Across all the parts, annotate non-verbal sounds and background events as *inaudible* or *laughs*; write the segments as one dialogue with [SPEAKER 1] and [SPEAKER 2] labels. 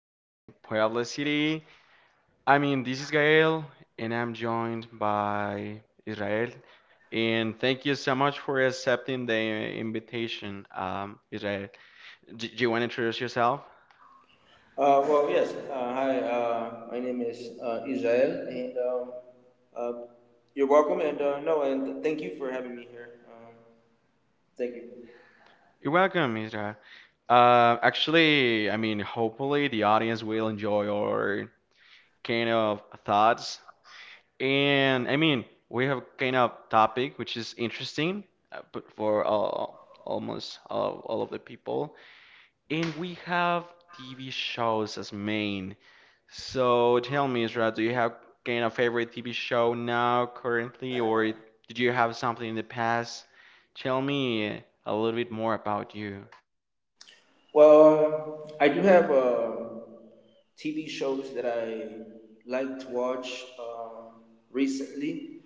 [SPEAKER 1] here in Puebla City. This is Gael, and I'm joined by Israel. And thank you so much for accepting the invitation, Israel. D Do you want to introduce yourself?
[SPEAKER 2] Well, yes. Hi, my name is Israel, and uh, you're welcome. And no, and thank you for having me here. Thank you.
[SPEAKER 1] You're welcome, Israel. Hopefully the audience will enjoy our kind of thoughts. We have kind of topic which is interesting, but for all of the people. And we have TV shows as main. So tell me, Isra, do you have kind of favorite TV show now currently, or did you have something in the past? Tell me a little bit more about you.
[SPEAKER 2] Well, I do have TV shows that I like to watch recently.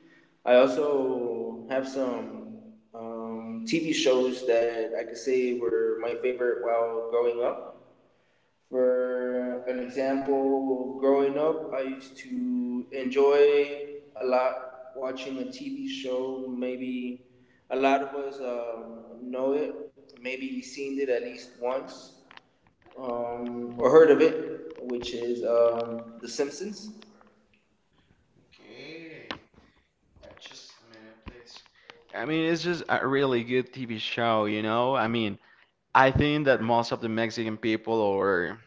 [SPEAKER 2] I also have some TV shows that I could say were my favorite while growing up. For an example, growing up, I used to enjoy a lot watching a TV show. Maybe a lot of us know it, maybe seen it at least once, or heard of it, which is, The Simpsons.
[SPEAKER 1] Okay, just a minute, please. It's just a really good TV show, you know? I think that most of the Mexican people, or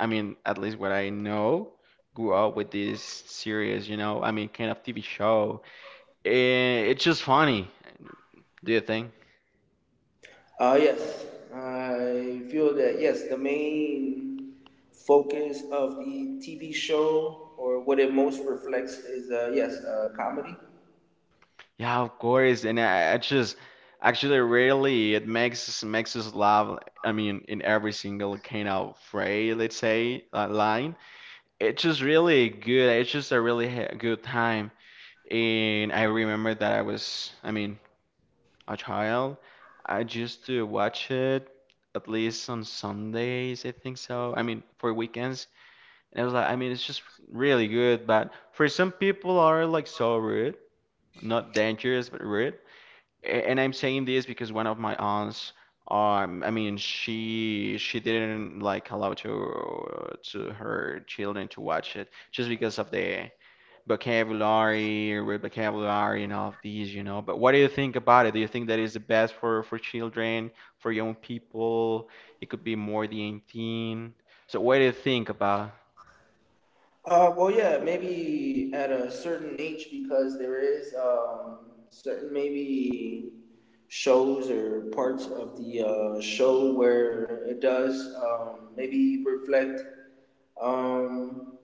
[SPEAKER 1] at least what I know, grew up with this series, kind of TV show. It's just funny, do you think?
[SPEAKER 2] Yes, I feel that, yes, the main focus of the TV show or what it most reflects is, yes, comedy.
[SPEAKER 1] Yeah, of course. And I just actually really makes us laugh. In every single kind of phrase, let's say, line. It's just really good. It's just a really good time. And I remember that I was, I mean, a child, I used to watch it at least on Sundays, I think so. For weekends. And I was like, I mean, it's just really good, but for some people are like so rude, not dangerous, but rude. And I'm saying this because one of my aunts, she didn't like allow to her children to watch it just because of the vocabulary or with vocabulary and all of these, you know. But what do you think about it? Do you think that is the best for children, for young people? It could be more the 18. So what do you think about?
[SPEAKER 2] Well, yeah, maybe at a certain age because there is, certain maybe shows or parts of the, show where it does, maybe reflect, um,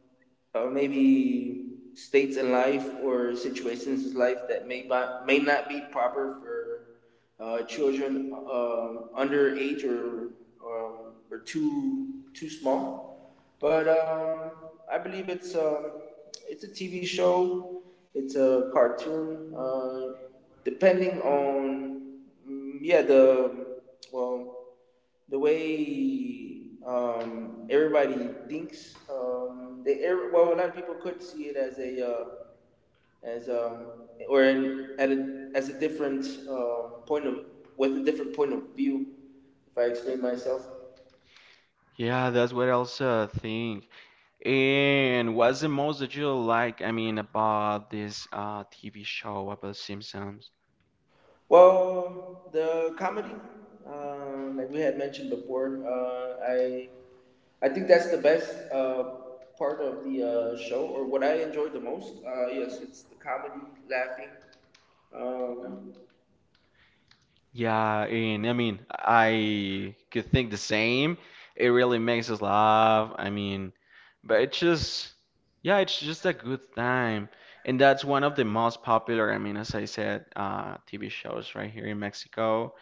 [SPEAKER 2] or maybe states in life or situations in life that may not be proper for, children, under age, or too small. But, I believe it's, it's a TV show, it's a cartoon. Depending on, yeah, well the way, everybody thinks. They Well, a lot of people could see it as a as or in, at a, as a different, point of, with a different point of view. If I explain myself.
[SPEAKER 1] Yeah, that's what I also think. And what's the most that you like? About this TV show about Simpsons?
[SPEAKER 2] Well, the comedy, like we had mentioned before, I think that's the best, part of the, show or what I enjoy the most. Yes, it's the comedy, laughing. Um,
[SPEAKER 1] Yeah, and I could think the same. It really makes us laugh. But it's just, yeah, it's just a good time. And that's one of the most popular, as I said, TV shows right here in Mexico,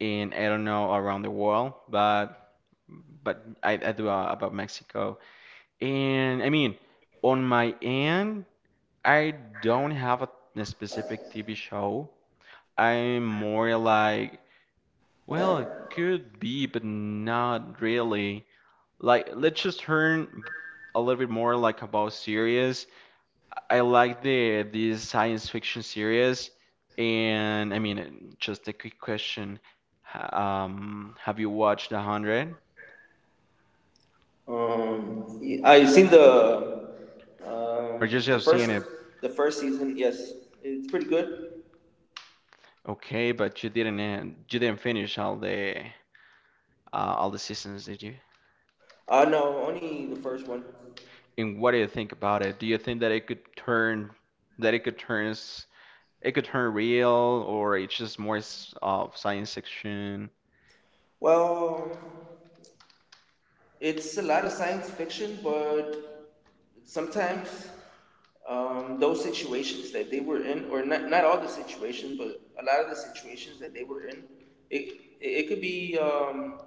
[SPEAKER 1] and I don't know around the world, but I do about Mexico. And I mean, on my end, I don't a specific TV show. I'm more like well, it could be, but not really. Like, let's just turn a little bit more like about series. I like these science fiction series, and just a quick question. Have you watched The Hundred,
[SPEAKER 2] Um, I seen the,
[SPEAKER 1] or just
[SPEAKER 2] um, the
[SPEAKER 1] have seen
[SPEAKER 2] first
[SPEAKER 1] it?
[SPEAKER 2] the first season. Yes, it's pretty good.
[SPEAKER 1] Okay, but you didn't finish all the seasons, did you?
[SPEAKER 2] No, only the first one.
[SPEAKER 1] And what do you think about it? Do you think that that it could turn it could turn real or it's just more of science fiction?
[SPEAKER 2] Well, it's a lot of science fiction, but sometimes, those situations that they were in, or not all the situations, but a lot of the situations that they were in, it it could be,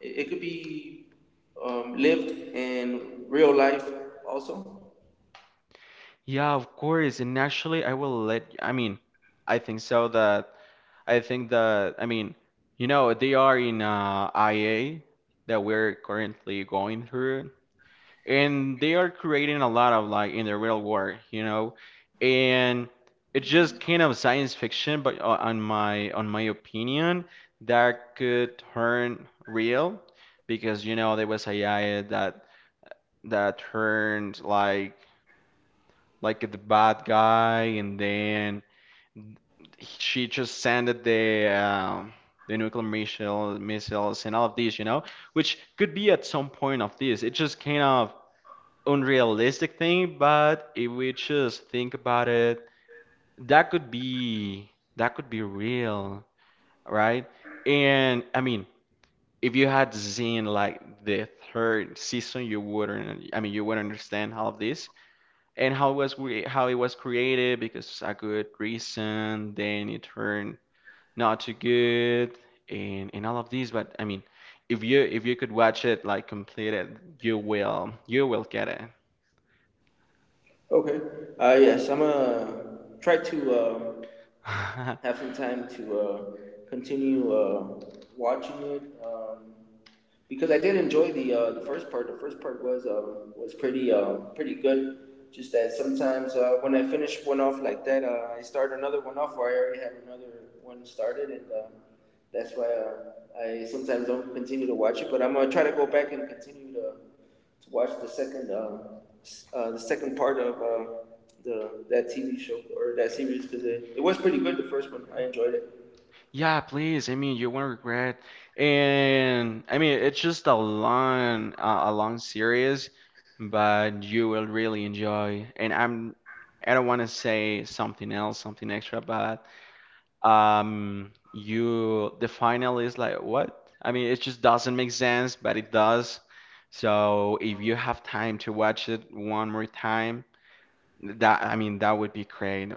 [SPEAKER 2] it it could be lived in real life also.
[SPEAKER 1] Yeah, of course. And actually, I will let, I mean, I think so that, I think that, they are in IA that we're currently going through. And they are creating a lot of like in the real world, you know, and it's just kind of science fiction, but on my opinion, that could turn real because you know there was AI that turned like the bad guy, and then she just sent the nuclear missile missiles and all of these, you know, which could be at some point of this. It just kind of unrealistic thing, but if we just think about it, that could be that could be real, right? And I mean, if you had seen like the third season, you wouldn't. I mean, you wouldn't understand all of this and how it was created because a good reason. Then it turned not too good, and all of these. But I mean, if you could watch it like completed, you will get
[SPEAKER 2] Okay. Yes, I'm gonna try to,
[SPEAKER 1] it. *laughs*
[SPEAKER 2] have some time to, continue, watching it, because I did enjoy the, the first part. The first part was, pretty, pretty good. Just that sometimes, when I finish one off like that, I start another one off, or I already have another one started, and, that's why, I sometimes don't continue to watch it. But I'm gonna try to go back and continue to watch the second, part of, the that TV show or that series because it was pretty good. The first one, I enjoyed it.
[SPEAKER 1] Yeah, please. You won't regret. And I mean, it's just a long series, but you will really enjoy. I don't want to say something else, something extra, but the final is like what? I mean, it just doesn't make sense, but it does. So if you have time to watch it one more time, that would be great.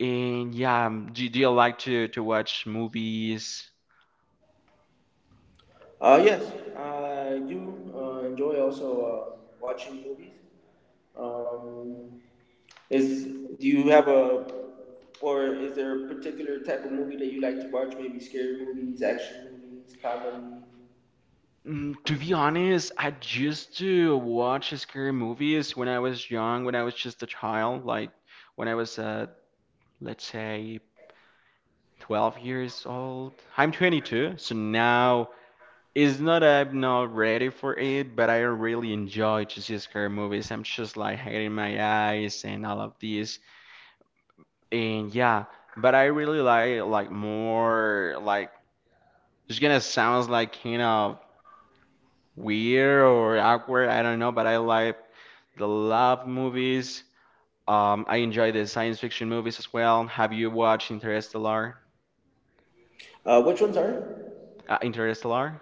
[SPEAKER 1] And yeah, do you like to watch movies?
[SPEAKER 2] Yes, I do, enjoy also, watching movies. Um, is Do you have a, or is there a particular type of movie that you like to watch? Maybe scary movies, action movies, comedy.
[SPEAKER 1] Mm, to be honest, I used to watch scary movies when I was young, when I was just a child, like when I was, let's say, 12 years old. I'm 22, so now it's not I'm not ready for it, but I really enjoy to see scary movies. I'm just like hiding my eyes and all of this. And yeah, but I really like more like it's gonna sound like kind of weird or awkward, I don't know, but I like the love movies. I enjoy the science fiction movies as well. Have you watched Interstellar?
[SPEAKER 2] Which ones are it?
[SPEAKER 1] Interstellar?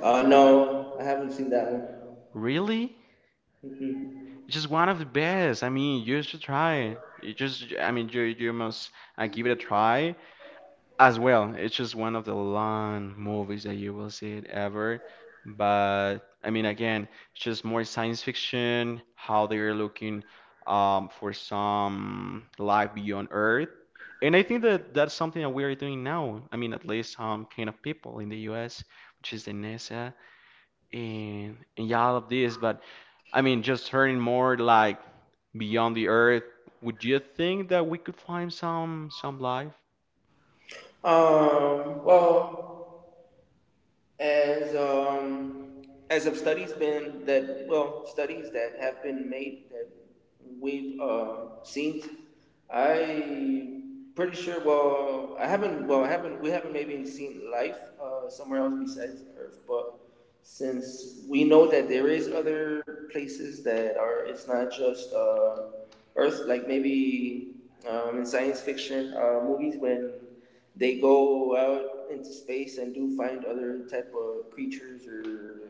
[SPEAKER 2] No, I haven't seen that one.
[SPEAKER 1] Really?
[SPEAKER 2] Mhm.
[SPEAKER 1] It's just one of the best. I mean, you should try it. You just, I mean, You must give it a try as well. It's just one of the long movies that you will see it ever. But I mean, again, it's just more science fiction, how they're looking for some life beyond Earth. And I think that that's something that we are doing now. I mean, at least kind of people in the US, which is the NASA and yeah, all of this. But I mean, just hearing more like beyond the Earth, would you think that we could find some life?
[SPEAKER 2] Well, as um, as of studies been that well studies that have been made that we've, seen, I pretty sure. Well, I haven't. Well, I haven't. We haven't maybe seen life, somewhere else besides Earth, but since we know that there is other places that are, it's not just, Earth. Like maybe, in science fiction, movies when they go out into space and do find other type of creatures or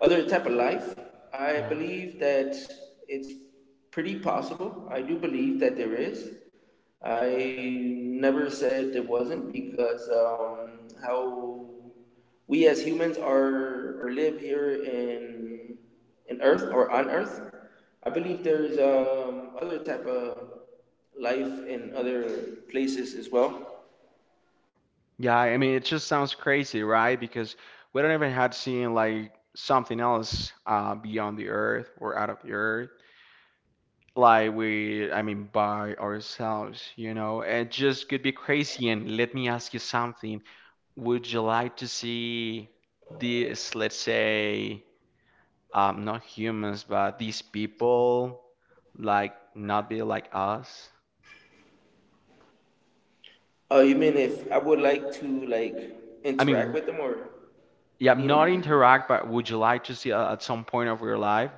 [SPEAKER 2] other type of life. I
[SPEAKER 1] Yeah.
[SPEAKER 2] believe that it's pretty possible. I do believe that there is. I never said there wasn't because, how we as humans are or live here in Earth or on Earth. I believe there's, other type of life in other places as well.
[SPEAKER 1] Yeah, I mean, it just sounds crazy, right? Because we don't even had seen like something else beyond the earth or out of the earth. Like we, I mean, by ourselves, you know, it just could be crazy. And let me ask you something. Would you like to see these, let's say, not humans, but these people, like not be like us?
[SPEAKER 2] Oh, you mean if I would like to like
[SPEAKER 1] I mean,
[SPEAKER 2] interact with
[SPEAKER 1] w-
[SPEAKER 2] them or
[SPEAKER 1] yeah,
[SPEAKER 2] meet
[SPEAKER 1] not
[SPEAKER 2] them?
[SPEAKER 1] interact, but would you like to see at some point of your life?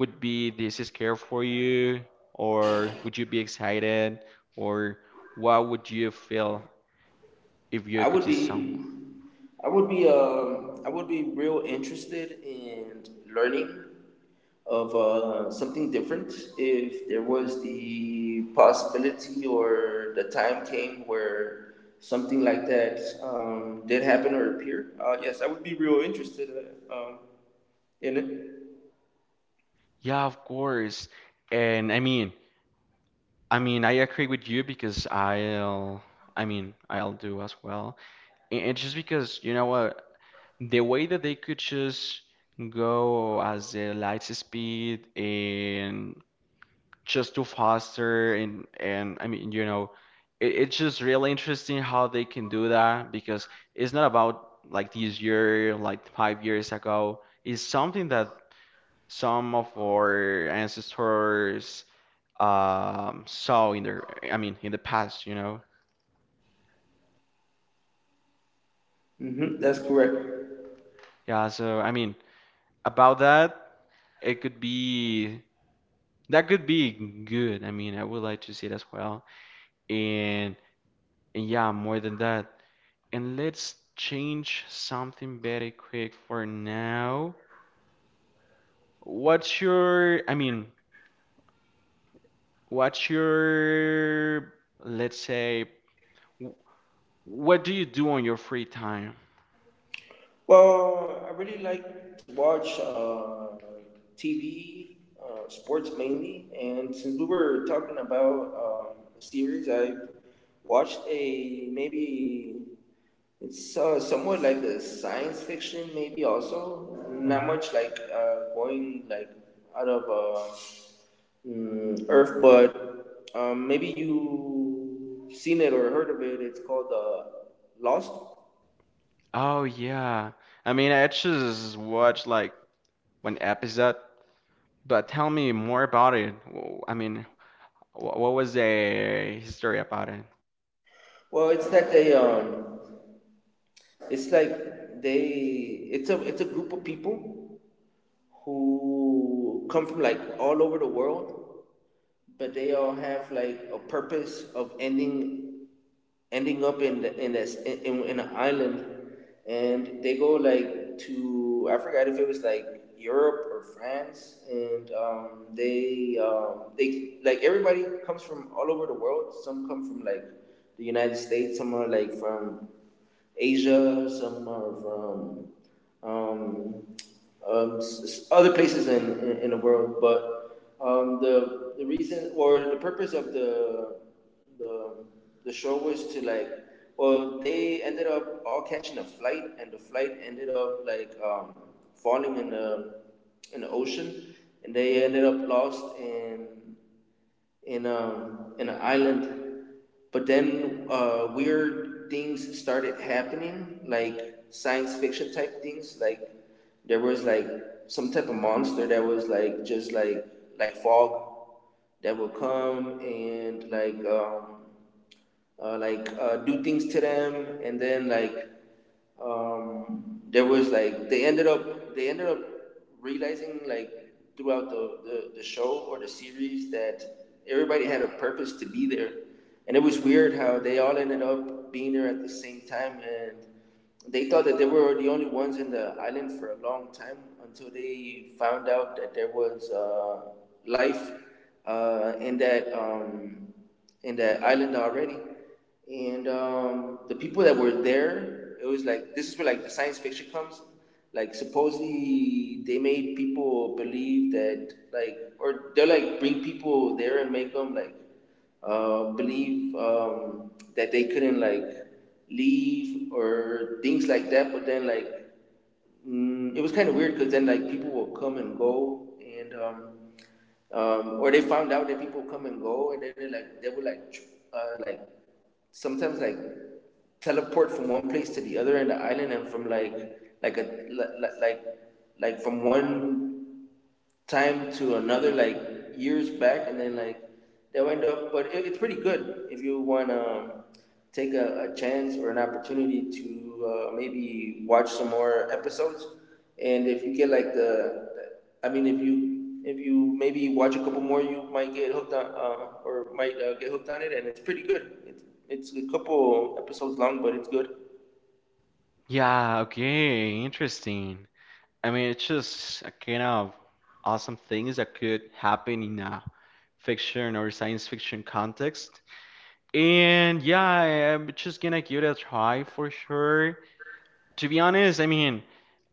[SPEAKER 1] Would be this scare for you, or would you be excited, or what would you feel if you
[SPEAKER 2] I
[SPEAKER 1] could
[SPEAKER 2] would
[SPEAKER 1] see someone?
[SPEAKER 2] be, I would be real interested in learning of, something different. If there was the possibility or the time came where something like that, did happen or appear, yes, I would be real interested, uh, um, in it.
[SPEAKER 1] Yeah, of course. And I mean, I mean, I agree with you because I'll do as well. And just because, you know what, the way that they could just go as a light speed and just to faster and I mean, you know, it's just really interesting how they can do that because it's not about like this year, like 5 years ago. It's something that some of our ancestors saw in in the past, you know.
[SPEAKER 2] That's correct.
[SPEAKER 1] Yeah, so I mean, about that, it could be that could be good. I mean, I would like to see it as well. And, and yeah, more than that. And let's change something very quick for now. What's your, I mean, what's your, let's say, w- what do you do on your free time?
[SPEAKER 2] Well, I really like to watch, TV, sports mainly. And since we were talking about, series, I've watched a, maybe it's, somewhat like a science fiction, maybe also not
[SPEAKER 1] Hmm.
[SPEAKER 2] much like, going like out of, Earth, but, maybe you seen it or heard of it. It's called, Lost.
[SPEAKER 1] Oh, yeah. I mean, I just watched like one episode, but tell me more about it. What was the history about it?
[SPEAKER 2] Well, it's like they it's a group of people who come from like all over the world, but they all have like a purpose of ending up in the, in an island, and they go like to, I forgot if it was like Europe or France, and they like everybody comes from all over the world. Some come from like the United States. Some are like from Asia, some are from, um, um, other places in the world. But, the reason or the purpose of the, the show was to, like, well, they ended up all catching a flight, and the flight ended up like, falling in the ocean, and they ended up lost in an island. But then, weird things started happening, like science fiction type things. Like there was like some type of monster that was like just like, fog that would come and, like, do things to them, and then, like, there was like they ended up realizing, like, throughout the show or the series that everybody had a purpose to be there, and it was weird how they all ended up being there at the same time, and they thought that they were the only ones in the island for a long time until they found out that there was, life, and that, in that island already. And, the people that were there, it was like this is where, like, the science fiction comes. Like, supposedly they made people believe that, like, or they'll like bring people there and make them like, believe, that they couldn't like leave or things like that. But then like, it was kind of weird because then like people will come and go and, or they found out that people come and go, and then they would like, uh, like sometimes like teleport from one place to the other in the island and from like a like like, like from one time to another like years back and then like they'll end up, but it's pretty good if you want to take a chance or an opportunity to, maybe watch some more episodes. And if you get like the I mean if you maybe watch a couple more, you might get hooked on it. And it's pretty good. It's a couple episodes long, but it's good.
[SPEAKER 1] Yeah, okay, interesting. I mean, it's just a kind of awesome things that could happen in a fiction or science fiction context. And yeah, I'm just gonna give it a try for sure. To be honest, I mean,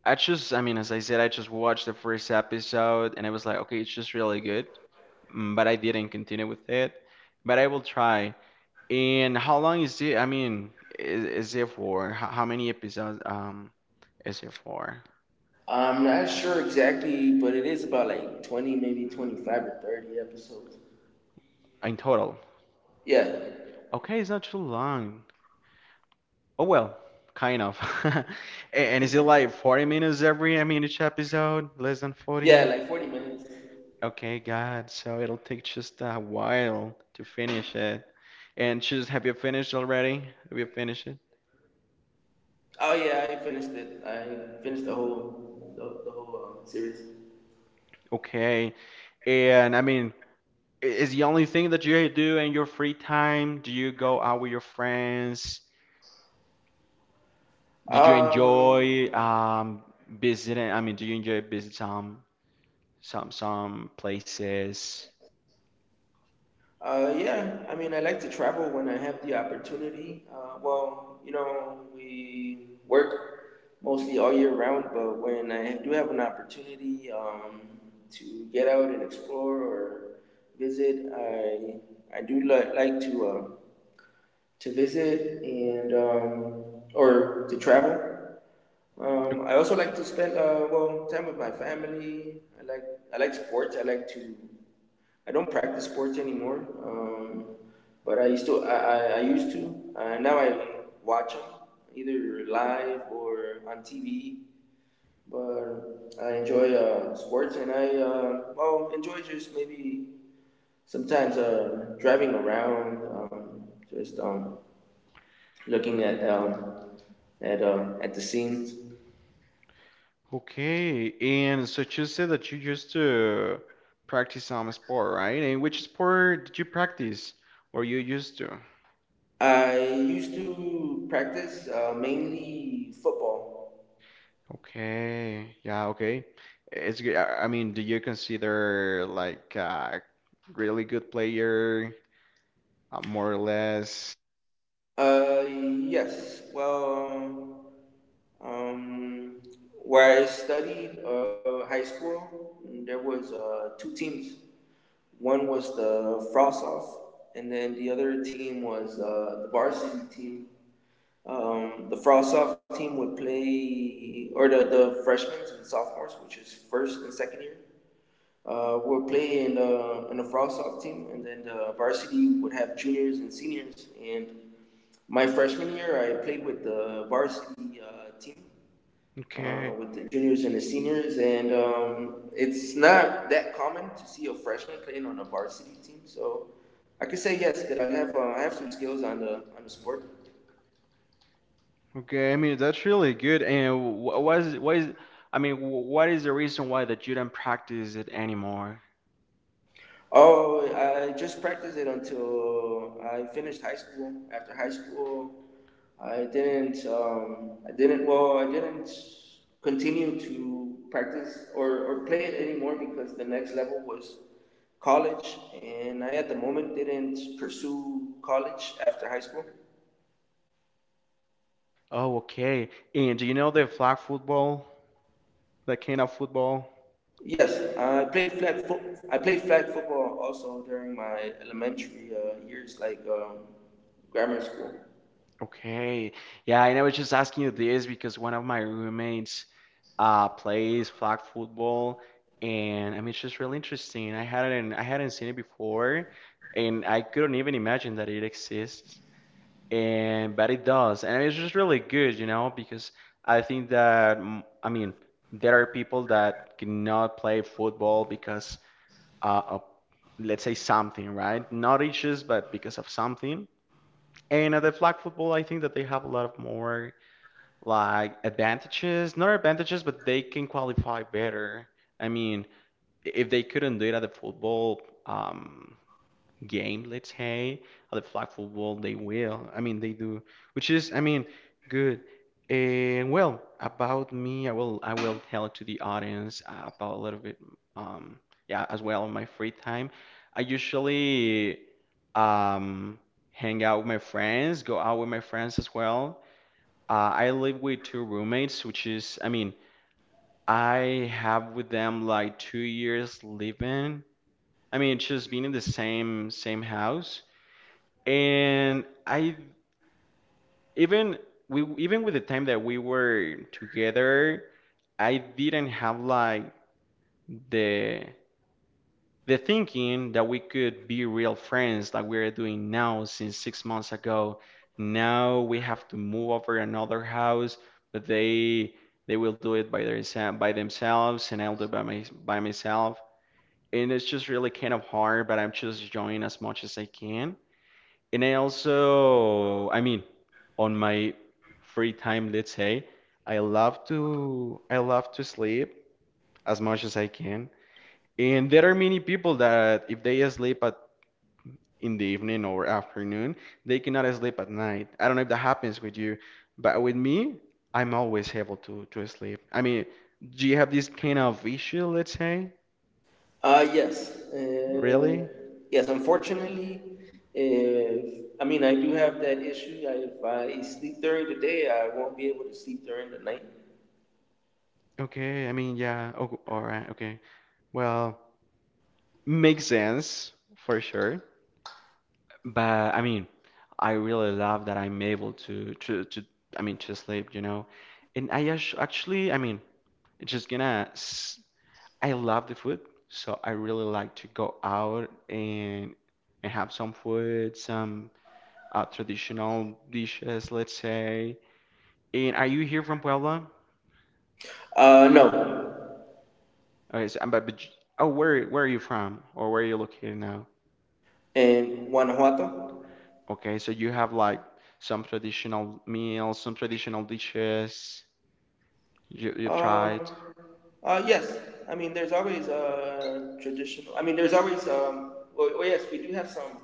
[SPEAKER 1] I just, I mean, as I said, I just watched the first episode and I was like, okay, it's just really good. Mm, but I didn't continue with it. But I will try. And how long is it? Is it for? How many episodes is it for?
[SPEAKER 2] I'm not sure exactly, but it is about like 20, maybe 25 or 30 episodes.
[SPEAKER 1] In total.
[SPEAKER 2] Yeah.
[SPEAKER 1] Okay, it's not too long. Oh well, kind of. *laughs* A- And is it like 40 minutes every I mean each episode? Less than
[SPEAKER 2] Yeah,
[SPEAKER 1] 40?
[SPEAKER 2] like 40 minutes.
[SPEAKER 1] Okay, God. So it'll take just a while to finish it. And just have you finished already? Have you finished it?
[SPEAKER 2] Oh yeah, I finished it. I finished the whole series.
[SPEAKER 1] Okay. And I mean, is the only thing that you do in your free time? Do you go out with your friends? Did you
[SPEAKER 2] Um
[SPEAKER 1] enjoy visiting? I mean, do you enjoy visit some places?
[SPEAKER 2] yeah, I mean I like to travel when I have the opportunity. Well, we work mostly all year round, but when I do have an opportunity, to get out and explore or visit, I like to visit, and, or to travel. I also like to spend, time with my family. I like sports. I like to. I don't practice sports anymore, um, but I used to. I used to. Now I watch them either live or on TV. But I enjoy, sports, and I, enjoy just maybe sometimes, driving around, just looking at, at the scenes.
[SPEAKER 1] Okay, and so you said that you used to practice some sport, right? And which sport did you practice or you used to?
[SPEAKER 2] I used to practice, mainly football.
[SPEAKER 1] Okay, yeah, okay. It's good. I mean, do you consider like a really good player, more or less?
[SPEAKER 2] Yes. Well, um, where I studied, high school, there was, two teams. One was the Frost Off, and then the other team was, the varsity team. The Frost Off team would play, or the freshmen and sophomores, which is first and second year. Would play in the Frostsoft team, and then the varsity would have juniors and seniors. And my freshman year, I played with the varsity, team,
[SPEAKER 1] Okay,
[SPEAKER 2] with the juniors and the seniors. And, it's not that common to see a freshman playing on a varsity team, so I could say yes that I have some skills on the sport.
[SPEAKER 1] okay. I mean, that's really good. And wh- what is, I mean, wh- what is the reason why that you don't practice it anymore?
[SPEAKER 2] Oh, I just practiced it until I finished high school. After high school, I didn't. I didn't. Well, I didn't continue to practice, or play it anymore because the next level was college, and I at the moment didn't pursue college after high school.
[SPEAKER 1] Oh, okay. And do you know the flag football? That kind of football.
[SPEAKER 2] Yes, I played flag. I played flag football also during my elementary, years, like, grammar school.
[SPEAKER 1] Okay. Yeah, and I was just asking you this because one of my roommates plays flag football, and I mean it's just really interesting. I hadn't seen it before, and I couldn't even imagine that it exists. And but it does. And it's just really good, you know, because I think that I mean there are people that cannot play football because of, let's say, something, right? Not issues, but because of something. And at the flag football, I think that they have a lot of more like advantages, not advantages, but they can qualify better. I mean, if they couldn't do it at the football, game, let's say, or the flag football, they will. I mean, they do, which is, I mean, good. And well, about me, I will tell to the audience about a little bit, um, yeah, as well on my free time. I usually um hang out with my friends, go out with my friends as well. I live with two roommates, which is, I mean, I have with them like 2 years living. I mean, just being in the same house. And I even We even with the time that we were together, I didn't have like the the thinking that we could be real friends like we're doing now since 6 months ago. Now we have to move over another house, but they will do it by their by themselves and I'll do it by my by myself. And it's just really kind of hard, but I'm just enjoying as much as I can. And I also, I mean, on my free time, let's say, I love to sleep as much as I can. And there are many people that if they sleep at in the evening or afternoon, they cannot sleep at night. I don't know if that happens with you, but with me, I'm always able to sleep. I mean, do you have this kind of issue, let's say?
[SPEAKER 2] Yes.
[SPEAKER 1] Really?
[SPEAKER 2] Yes, unfortunately, if, I mean, I do have that issue. If I sleep during the day, I won't be able to sleep during the night.
[SPEAKER 1] Okay, I mean, yeah. Oh, all right. Okay. Well, makes sense for sure. But I mean, I really love that I'm able to I mean to sleep, you know. And actually, I mean, it's just gonna s- I love the food, so I really like to go out and have some food, some traditional dishes, let's say. And are you here from Puebla?
[SPEAKER 2] No.
[SPEAKER 1] Okay, so, but oh, where are you from, or where are you located now?
[SPEAKER 2] In Guanajuato?
[SPEAKER 1] Okay, so you have like some traditional meals, some traditional dishes you've tried.
[SPEAKER 2] Um, yes. I mean, there's always, traditional. I mean, there's always. Well, yes, we do have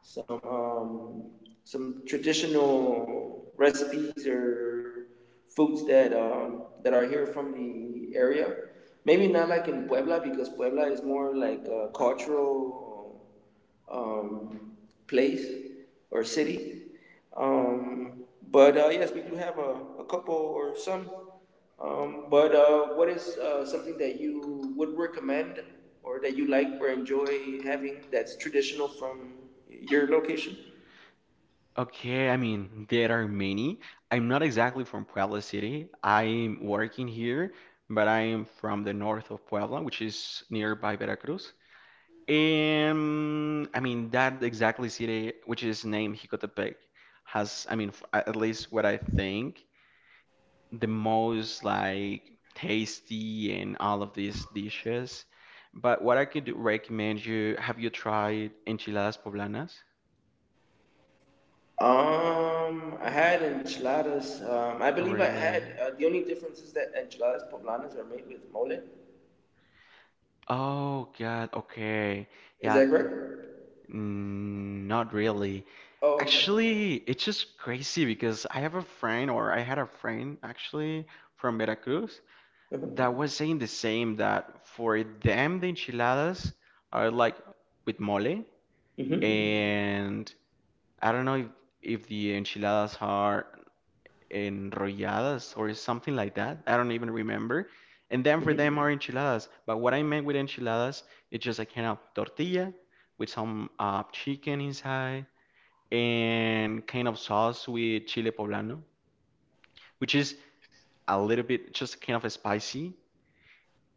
[SPEAKER 2] some, some traditional recipes or foods that, that are here from the area. Maybe not like in Puebla because Puebla is more like a cultural, um, place or city. Um, but yes, we do have a couple or some. But What is, something that you would recommend or that you like or enjoy having that's traditional from your location?
[SPEAKER 1] Okay, I mean, there are many. I'm not exactly from Puebla City. I'm working here, but I'm from the north of Puebla, which is nearby Veracruz. And I mean, that exactly city, which is named Jicotepec, has, I mean, at least what I think, the most like tasty and all of these dishes. But what I could recommend you, have you tried enchiladas poblanas?
[SPEAKER 2] I had enchiladas. I believe I had.
[SPEAKER 1] Really?
[SPEAKER 2] The only difference is that enchiladas poblanas are made with mole.
[SPEAKER 1] Oh God, okay.
[SPEAKER 2] Is
[SPEAKER 1] Yeah,
[SPEAKER 2] that correct?
[SPEAKER 1] not really.
[SPEAKER 2] Oh, okay.
[SPEAKER 1] Actually, it's just crazy because I have a friend, or I had a friend actually from Veracruz
[SPEAKER 2] Uh-huh.
[SPEAKER 1] that was saying the same, that for them the enchiladas are like with mole,
[SPEAKER 2] Mm-hmm.
[SPEAKER 1] and I don't know if the enchiladas are enrolladas or something like that. I don't even remember. And then for them
[SPEAKER 2] Mm-hmm.
[SPEAKER 1] are enchiladas. But what I meant with enchiladas, it's just a kind of tortilla with some chicken inside and kind of sauce with chile poblano, which is a little bit just kind of spicy.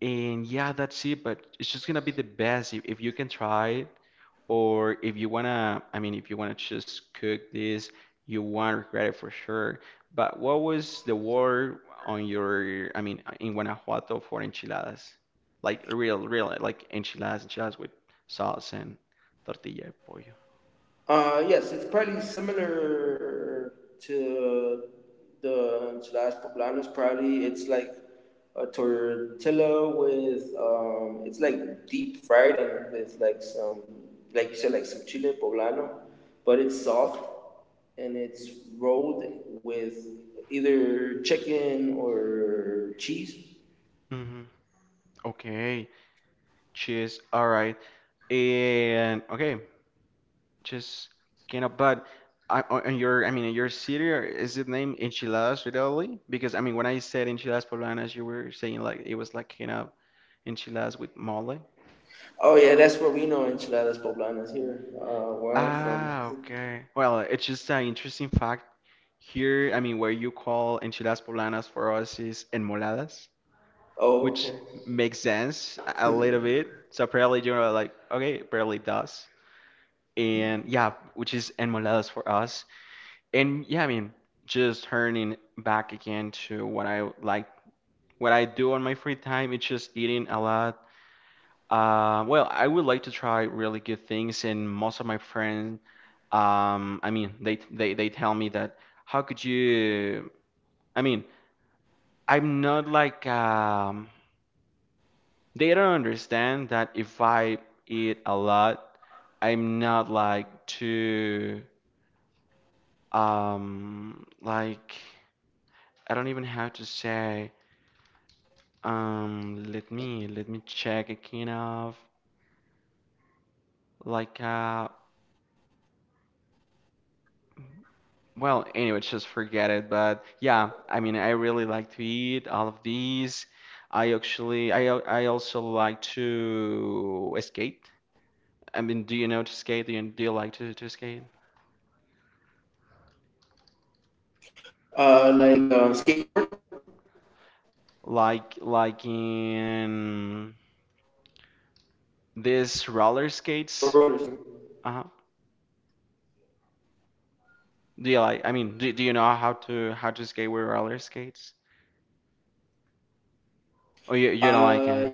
[SPEAKER 1] And yeah, that's it. But it's just gonna be the best if you can try it. Or if you wanna, I mean, if you wanna just cook this, you won't regret it for sure. But what was the word on your, I mean, in Guanajuato for enchiladas? Like like enchiladas with sauce and tortilla de pollo.
[SPEAKER 2] Yes, it's probably similar to the enchiladas poblanas. Probably it's like a tortilla with, it's like deep fried and with like some, like you said, like some chile poblano, but it's soft and it's rolled with either chicken or cheese.
[SPEAKER 1] hmm Okay, cheese. All right. And okay, just cannot. But I, on your, I mean, in your city, or is it named Enchiladas Italy? Because I mean, when I said Enchiladas Poblanas, you were saying like it was like kind of enchiladas with mole.
[SPEAKER 2] Oh yeah, that's what we know enchiladas poblanas here, where I'm from.
[SPEAKER 1] Ah,
[SPEAKER 2] *laughs*
[SPEAKER 1] okay. Well, it's just an interesting fact. Here, I mean, where you call enchiladas poblanas for us is enmoladas,
[SPEAKER 2] Oh,
[SPEAKER 1] which
[SPEAKER 2] okay.
[SPEAKER 1] makes sense a little bit. So probably you're like, okay, apparently it probably does. And yeah, which is enmoladas for us. And yeah, I mean, just turning back again to what I like, what I do on my free time, it's just eating a lot. Well, I would like to try really good things, and most of my friends, I mean, they tell me that how could you? I mean, I'm not like they don't understand that if I eat a lot, I'm not like too like I don't even have to say. Let me check a kind of like well, anyway, just forget it. But yeah, I mean, I really like to eat all of these. I actually, I also like to skate. I mean, do you know to skate? Do you like to skate?
[SPEAKER 2] Like, skateboard,
[SPEAKER 1] Like in these
[SPEAKER 2] or
[SPEAKER 1] roller
[SPEAKER 2] roller skating?
[SPEAKER 1] skates? Uh-huh. Do you like? I mean, do you know how to skate with roller skates? Or you don't like
[SPEAKER 2] Uh,
[SPEAKER 1] it?